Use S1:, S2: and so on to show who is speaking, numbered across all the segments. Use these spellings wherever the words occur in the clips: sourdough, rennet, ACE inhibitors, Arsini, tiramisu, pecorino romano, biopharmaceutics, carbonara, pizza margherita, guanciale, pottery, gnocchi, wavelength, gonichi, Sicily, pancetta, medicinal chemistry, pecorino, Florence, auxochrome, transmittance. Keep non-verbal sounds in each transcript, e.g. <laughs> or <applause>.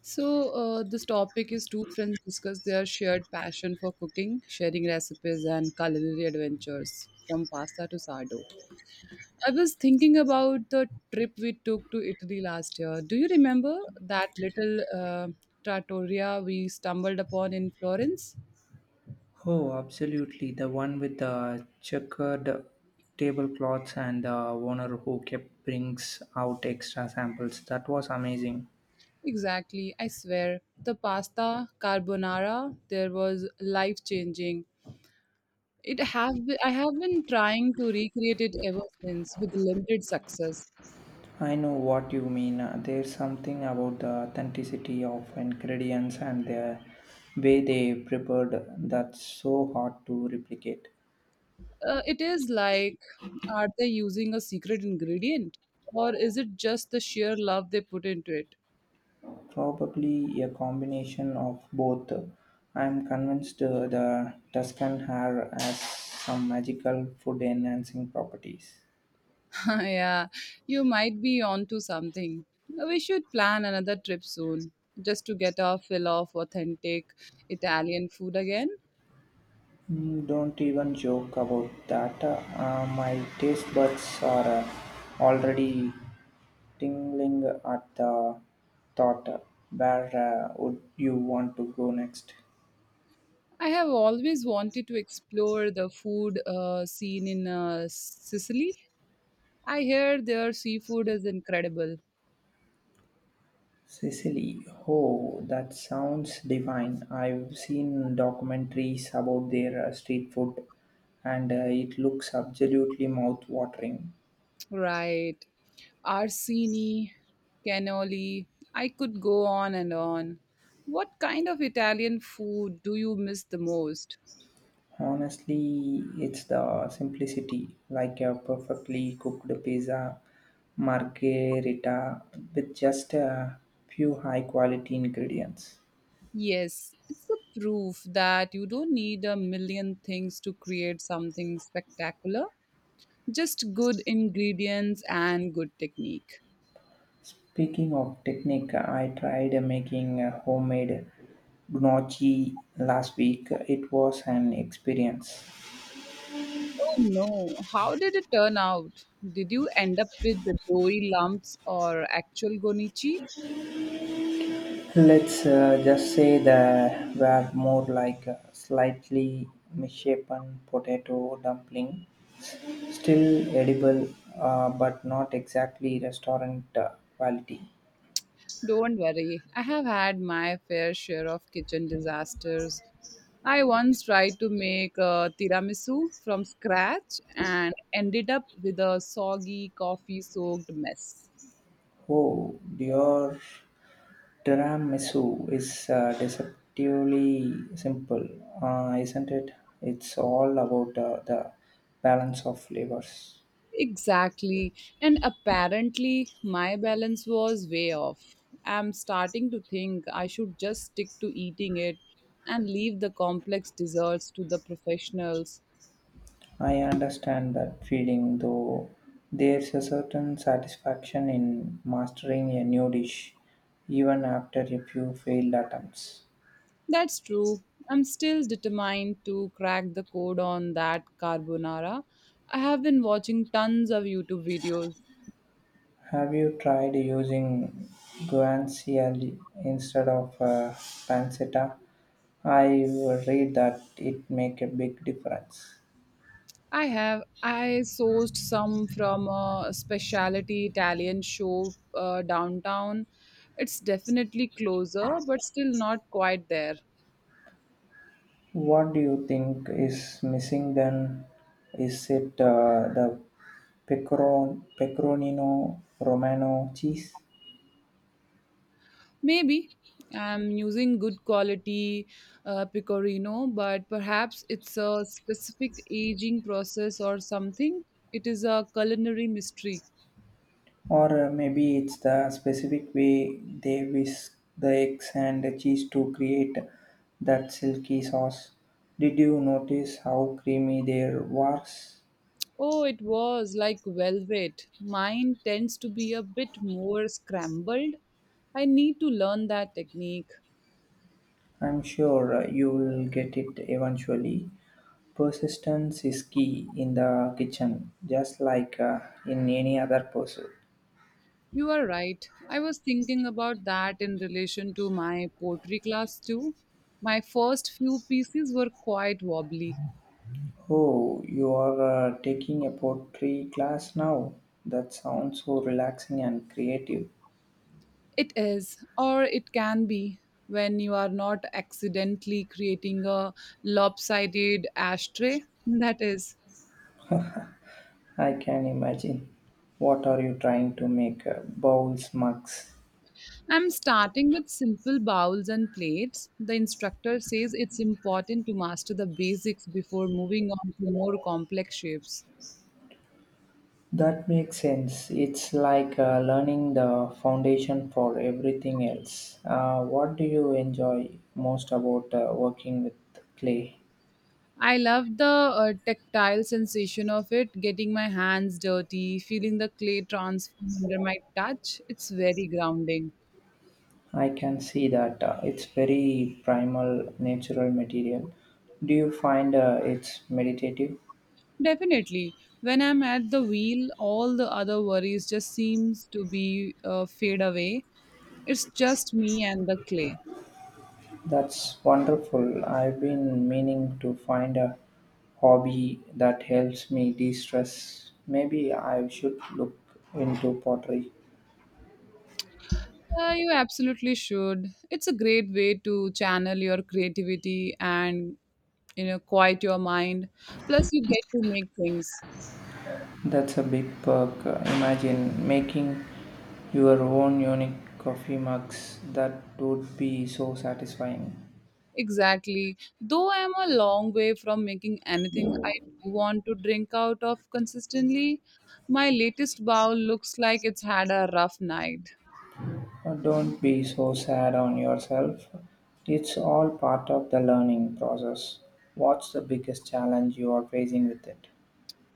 S1: So, this topic is two friends discuss their shared passion for cooking, sharing recipes, and culinary adventures from pasta to sardo. I was thinking about the trip we took to Italy last year. Do you remember that little trattoria we stumbled upon in Florence?
S2: Oh, absolutely. The one with the checkered tablecloths and the owner who kept brings out extra samples. That was amazing.
S1: Exactly, I swear. The pasta carbonara there was life changing. It have I have been trying to recreate it ever since with limited success.
S2: I know what you mean. There's something about the authenticity of ingredients and the way they prepared that's so hard to replicate.
S1: It is like, are they using a secret ingredient? Or is it just the sheer love they put into it?
S2: Probably a combination of both. I'm convinced the Tuscan hair has some magical food enhancing properties.
S1: <laughs> Yeah, you might be onto something. We should plan another trip soon, just to get our fill of authentic Italian food again.
S2: Mm, don't even joke about that. My taste buds are already tingling at the thought. Where would you want to go next?
S1: I have always wanted to explore the food scene in Sicily. I hear their seafood is incredible.
S2: Sicily. Oh, that sounds divine. I've seen documentaries about their street food and it looks absolutely mouth watering.
S1: Right. Arsini, cannoli. I could go on and on. What kind of Italian food do you miss the most?
S2: Honestly, it's the simplicity, like a perfectly cooked pizza margherita with just a few high quality ingredients.
S1: Yes, it's a proof that you don't need a million things to create something spectacular. Just good ingredients and good technique.
S2: Speaking of technique, I tried making a homemade gnocchi last week. It was an experience.
S1: Oh no, how did it turn out? Did you end up with the doughy lumps or actual gonichi?
S2: Let's just say they were more like a slightly misshapen potato dumpling. Still edible, but not exactly restaurant quality.
S1: Don't worry, I have had my fair share of kitchen disasters. I once tried to make a tiramisu from scratch and ended up with a soggy, coffee soaked mess.
S2: Oh, your tiramisu is deceptively simple, isn't it? It's all about the balance of flavors.
S1: Exactly, and apparently my balance was way off. I'm starting to think I should just stick to eating it and leave the complex desserts to the professionals.
S2: I understand that feeling, though there's a certain satisfaction in mastering a new dish, even after a few failed attempts.
S1: That's true. I'm still determined to crack the code on that carbonara. I have been watching tons of YouTube videos.
S2: Have you tried using guanciale instead of pancetta? I read that it make a big difference.
S1: I have. I sourced some from a specialty Italian show downtown. It's definitely closer, but still not quite there.
S2: What do you think is missing then? Is it the pecoronino romano cheese?
S1: Maybe I'm using good quality pecorino, but perhaps it's a specific aging process or something. It is a culinary mystery.
S2: Or maybe it's the specific way they whisk the eggs and the cheese to create that silky sauce. Did you notice how creamy their was?
S1: Oh, it was like velvet. Mine tends to be a bit more scrambled. I need to learn that technique.
S2: I'm sure you will get it eventually. Persistence is key in the kitchen, just like in any other pursuit.
S1: You are right. I was thinking about that in relation to my pottery class too. My first few pieces were quite wobbly.
S2: Oh, you are taking a pottery class now. That sounds so relaxing and creative.
S1: It is, or it can be, when you are not accidentally creating a lopsided ashtray. That is.
S2: I can imagine. What are you trying to make? Bowls, mugs.
S1: I'm starting with simple bowls and plates. The instructor says it's important to master the basics before moving on to more complex shapes.
S2: That makes sense. It's like learning the foundation for everything else. What do you enjoy most about working with clay?
S1: I love the tactile sensation of it, getting my hands dirty, feeling the clay transform under my touch. It's very grounding.
S2: I can see that it's very primal, natural material. Do you find it's meditative?
S1: Definitely, when I'm at the wheel, all the other worries just seems to be fade away. It's just me and the clay.
S2: That's wonderful. I've been meaning to find a hobby that helps me de stress. Maybe I should look into pottery.
S1: You absolutely should. It's a great way to channel your creativity and quiet your mind. Plus, you get to make things.
S2: That's a big perk. Imagine making your own unique coffee mugs. That would be so satisfying.
S1: Exactly. Though I am a long way from making anything I do want to drink out of consistently, my latest bowl looks like it's had a rough night.
S2: Don't be so sad on yourself. It's all part of the learning process. What's the biggest challenge you are facing with it?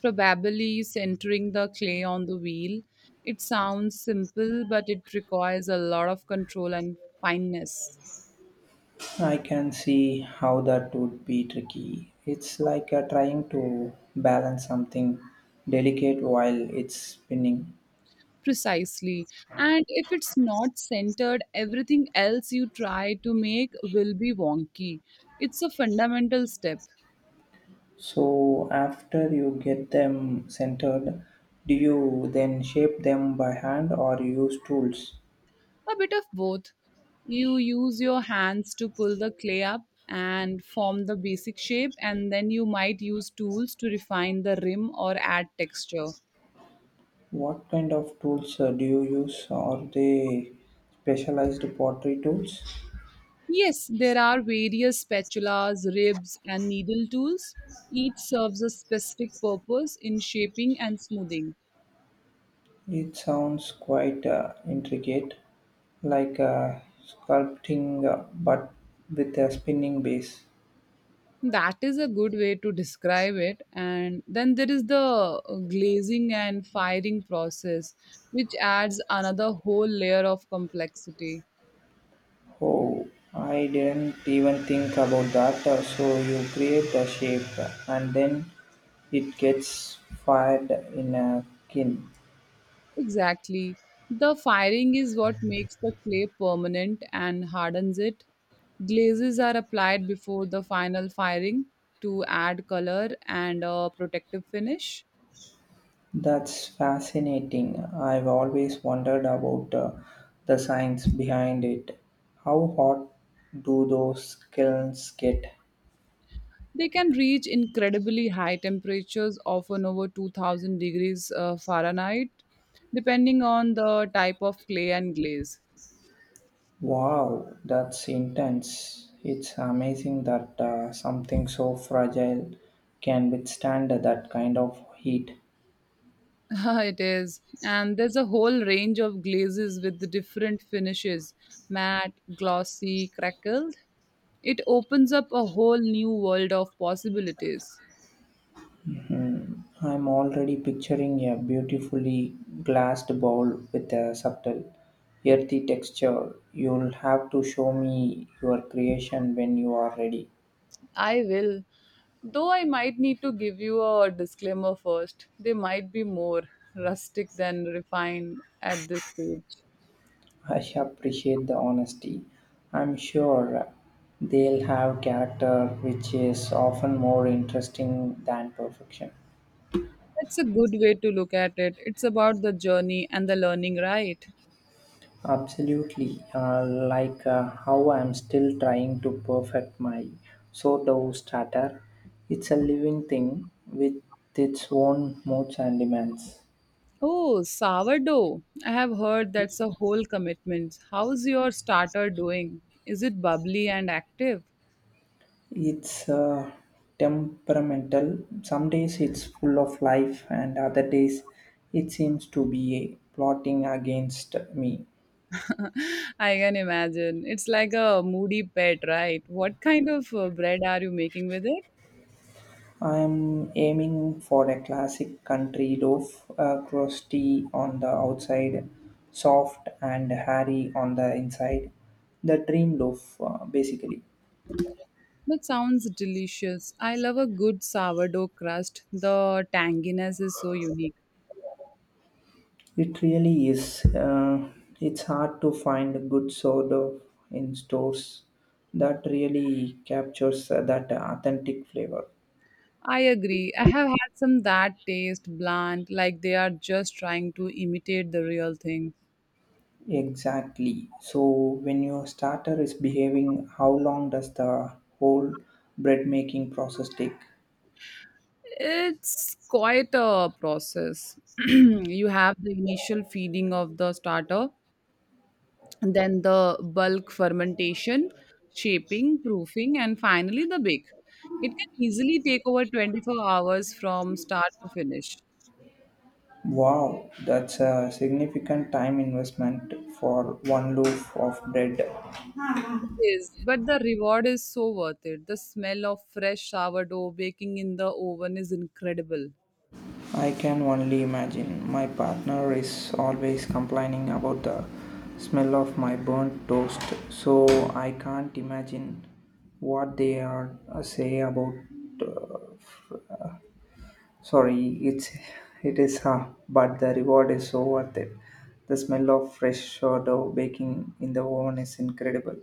S1: Probably centering the clay on the wheel. It sounds simple, but it requires a lot of control and fineness.
S2: I can see how that would be tricky. It's like trying to balance something delicate while it's spinning.
S1: Precisely. And if it's not centered, everything else you try to make will be wonky. It's a fundamental step,
S2: So, after you get them centered, do you then shape them by hand or use tools?
S1: a bit of both. You use your hands to pull the clay up and form the basic shape, and then you might use tools to refine the rim or add texture.
S2: What kind of tools do you use? Are they specialized pottery tools?
S1: Yes, there are various spatulas, ribs, and needle tools. Each serves a specific purpose in shaping and smoothing.
S2: It sounds quite intricate, like sculpting but with a spinning base.
S1: That is a good way to describe it. And then there is the glazing and firing process, which adds another whole layer of complexity.
S2: Oh, I didn't even think about that. So you create a shape and then it gets fired in a kiln.
S1: Exactly. The firing is what makes the clay permanent and hardens it. Glazes are applied before the final firing to add color and a protective finish.
S2: That's fascinating. I've always wondered about the science behind it. How hot do those kilns get?
S1: They can reach incredibly high temperatures, often over 2000 degrees Fahrenheit, depending on the type of clay and glaze.
S2: Wow, that's intense. It's amazing that something so fragile can withstand that kind of heat.
S1: <laughs> It is. And there's a whole range of glazes with the different finishes matte, glossy, crackled. It opens up a whole new world of possibilities.
S2: I'm already picturing a beautifully glassed bowl with a subtle, earthy texture. You'll have to show me your creation when you are ready.
S1: I will. Though I might need to give you a disclaimer first, they might be more rustic than refined at this stage.
S2: I appreciate the honesty. I'm sure they'll have character, which is often more interesting than perfection.
S1: That's a good way to look at it. It's about the journey and the learning, right?
S2: Absolutely. Like how I'm still trying to perfect my sourdough starter. It's a living thing with its own modes and demands.
S1: Oh, sourdough. I have heard that's a whole commitment. How's your starter doing? Is it bubbly and active?
S2: It's temperamental. Some days it's full of life, and other days it seems to be plotting against me.
S1: <laughs> I can imagine. It's like a moody pet, right? What kind of bread are you making with it?
S2: I'm aiming for a classic country loaf, crusty on the outside, soft and hairy on the inside. The dream loaf, basically.
S1: That sounds delicious. I love a good sourdough crust. The tanginess is so unique.
S2: It really is. It's hard to find a good sourdough in stores that really captures that authentic flavor.
S1: I agree. I have had some that taste bland, like they are just trying to imitate the real thing.
S2: Exactly. So when your starter is behaving, how long does the whole bread making process take?
S1: It's quite a process. <clears throat> You have the initial feeding of the starter, and then the bulk fermentation, shaping, proofing, and finally the bake. It can easily take over 24 hours from start to finish.
S2: Wow, that's a significant time investment for one loaf of bread.
S1: Is but the reward is so worth it. The smell of fresh sourdough baking in the oven is incredible.
S2: I can only imagine. My partner is always complaining about the smell of my burnt toast, so I can't imagine what they are say about. Uh, Sorry, it's <laughs> it is huh, but the reward is so worth it. The smell of fresh sourdough baking in the oven is incredible.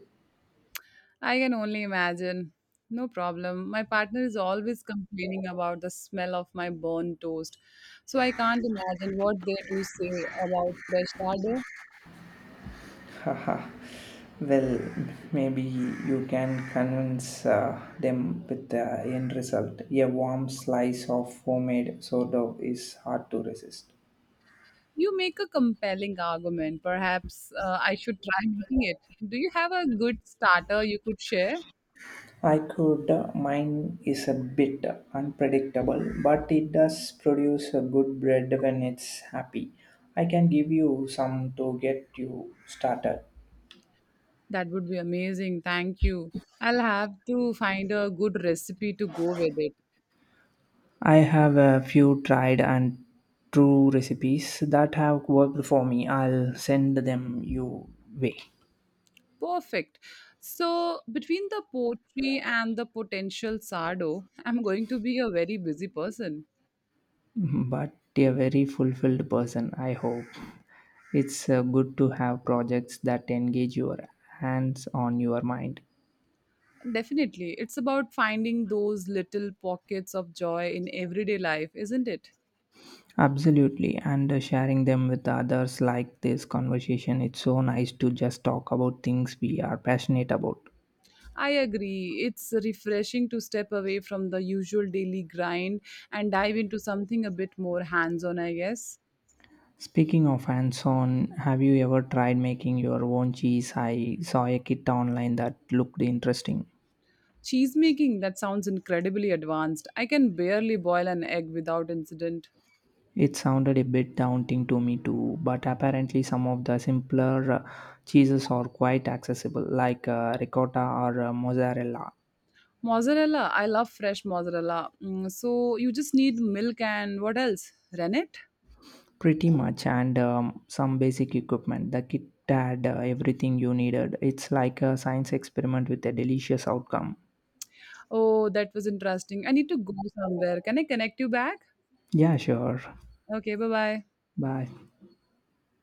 S1: I can only imagine. No problem. My partner is always complaining about the smell of my burnt toast. So I can't imagine what they do say about fresh sourdough.
S2: Haha. Well, maybe you can convince them with the end result. A warm slice of homemade sourdough is hard to resist.
S1: You make a compelling argument. Perhaps I should try making it. Do you have a good starter you could share?
S2: I could. Mine is a bit unpredictable, but it does produce a good bread when it's happy. I can give you some to get you started.
S1: That would be amazing. Thank you. I'll have to find a good recipe to go with it.
S2: I have a few tried and true recipes that have worked for me. I'll send them your way.
S1: Perfect. So, between the poetry and the potential sardo, I'm going to be a very busy person.
S2: But a very fulfilled person, I hope. It's good to have projects that engage your hands on your mind.
S1: Definitely. It's about finding those little pockets of joy in everyday life, isn't it?
S2: Absolutely, and sharing them with others like this conversation, it's so nice to just talk about things we are passionate about.
S1: I agree. It's refreshing to step away from the usual daily grind and dive into something a bit more hands on, I guess.
S2: Speaking of hands on, have you ever tried making your own cheese? I saw a kit online that looked interesting.
S1: Cheese making, that sounds incredibly advanced. I can barely boil an egg without incident.
S2: It sounded a bit daunting to me too, but apparently some of the simpler cheeses are quite accessible, like ricotta or mozzarella.
S1: Mozzarella, I love fresh mozzarella. Mm, so you just need milk and what else? Rennet?
S2: Pretty much, and some basic equipment. The kit had everything you needed. It's like a science experiment with a delicious outcome.
S1: Oh, that was interesting. I need to go somewhere. Can I connect you back?
S2: Yeah, sure.
S1: Okay, bye bye.
S2: Bye.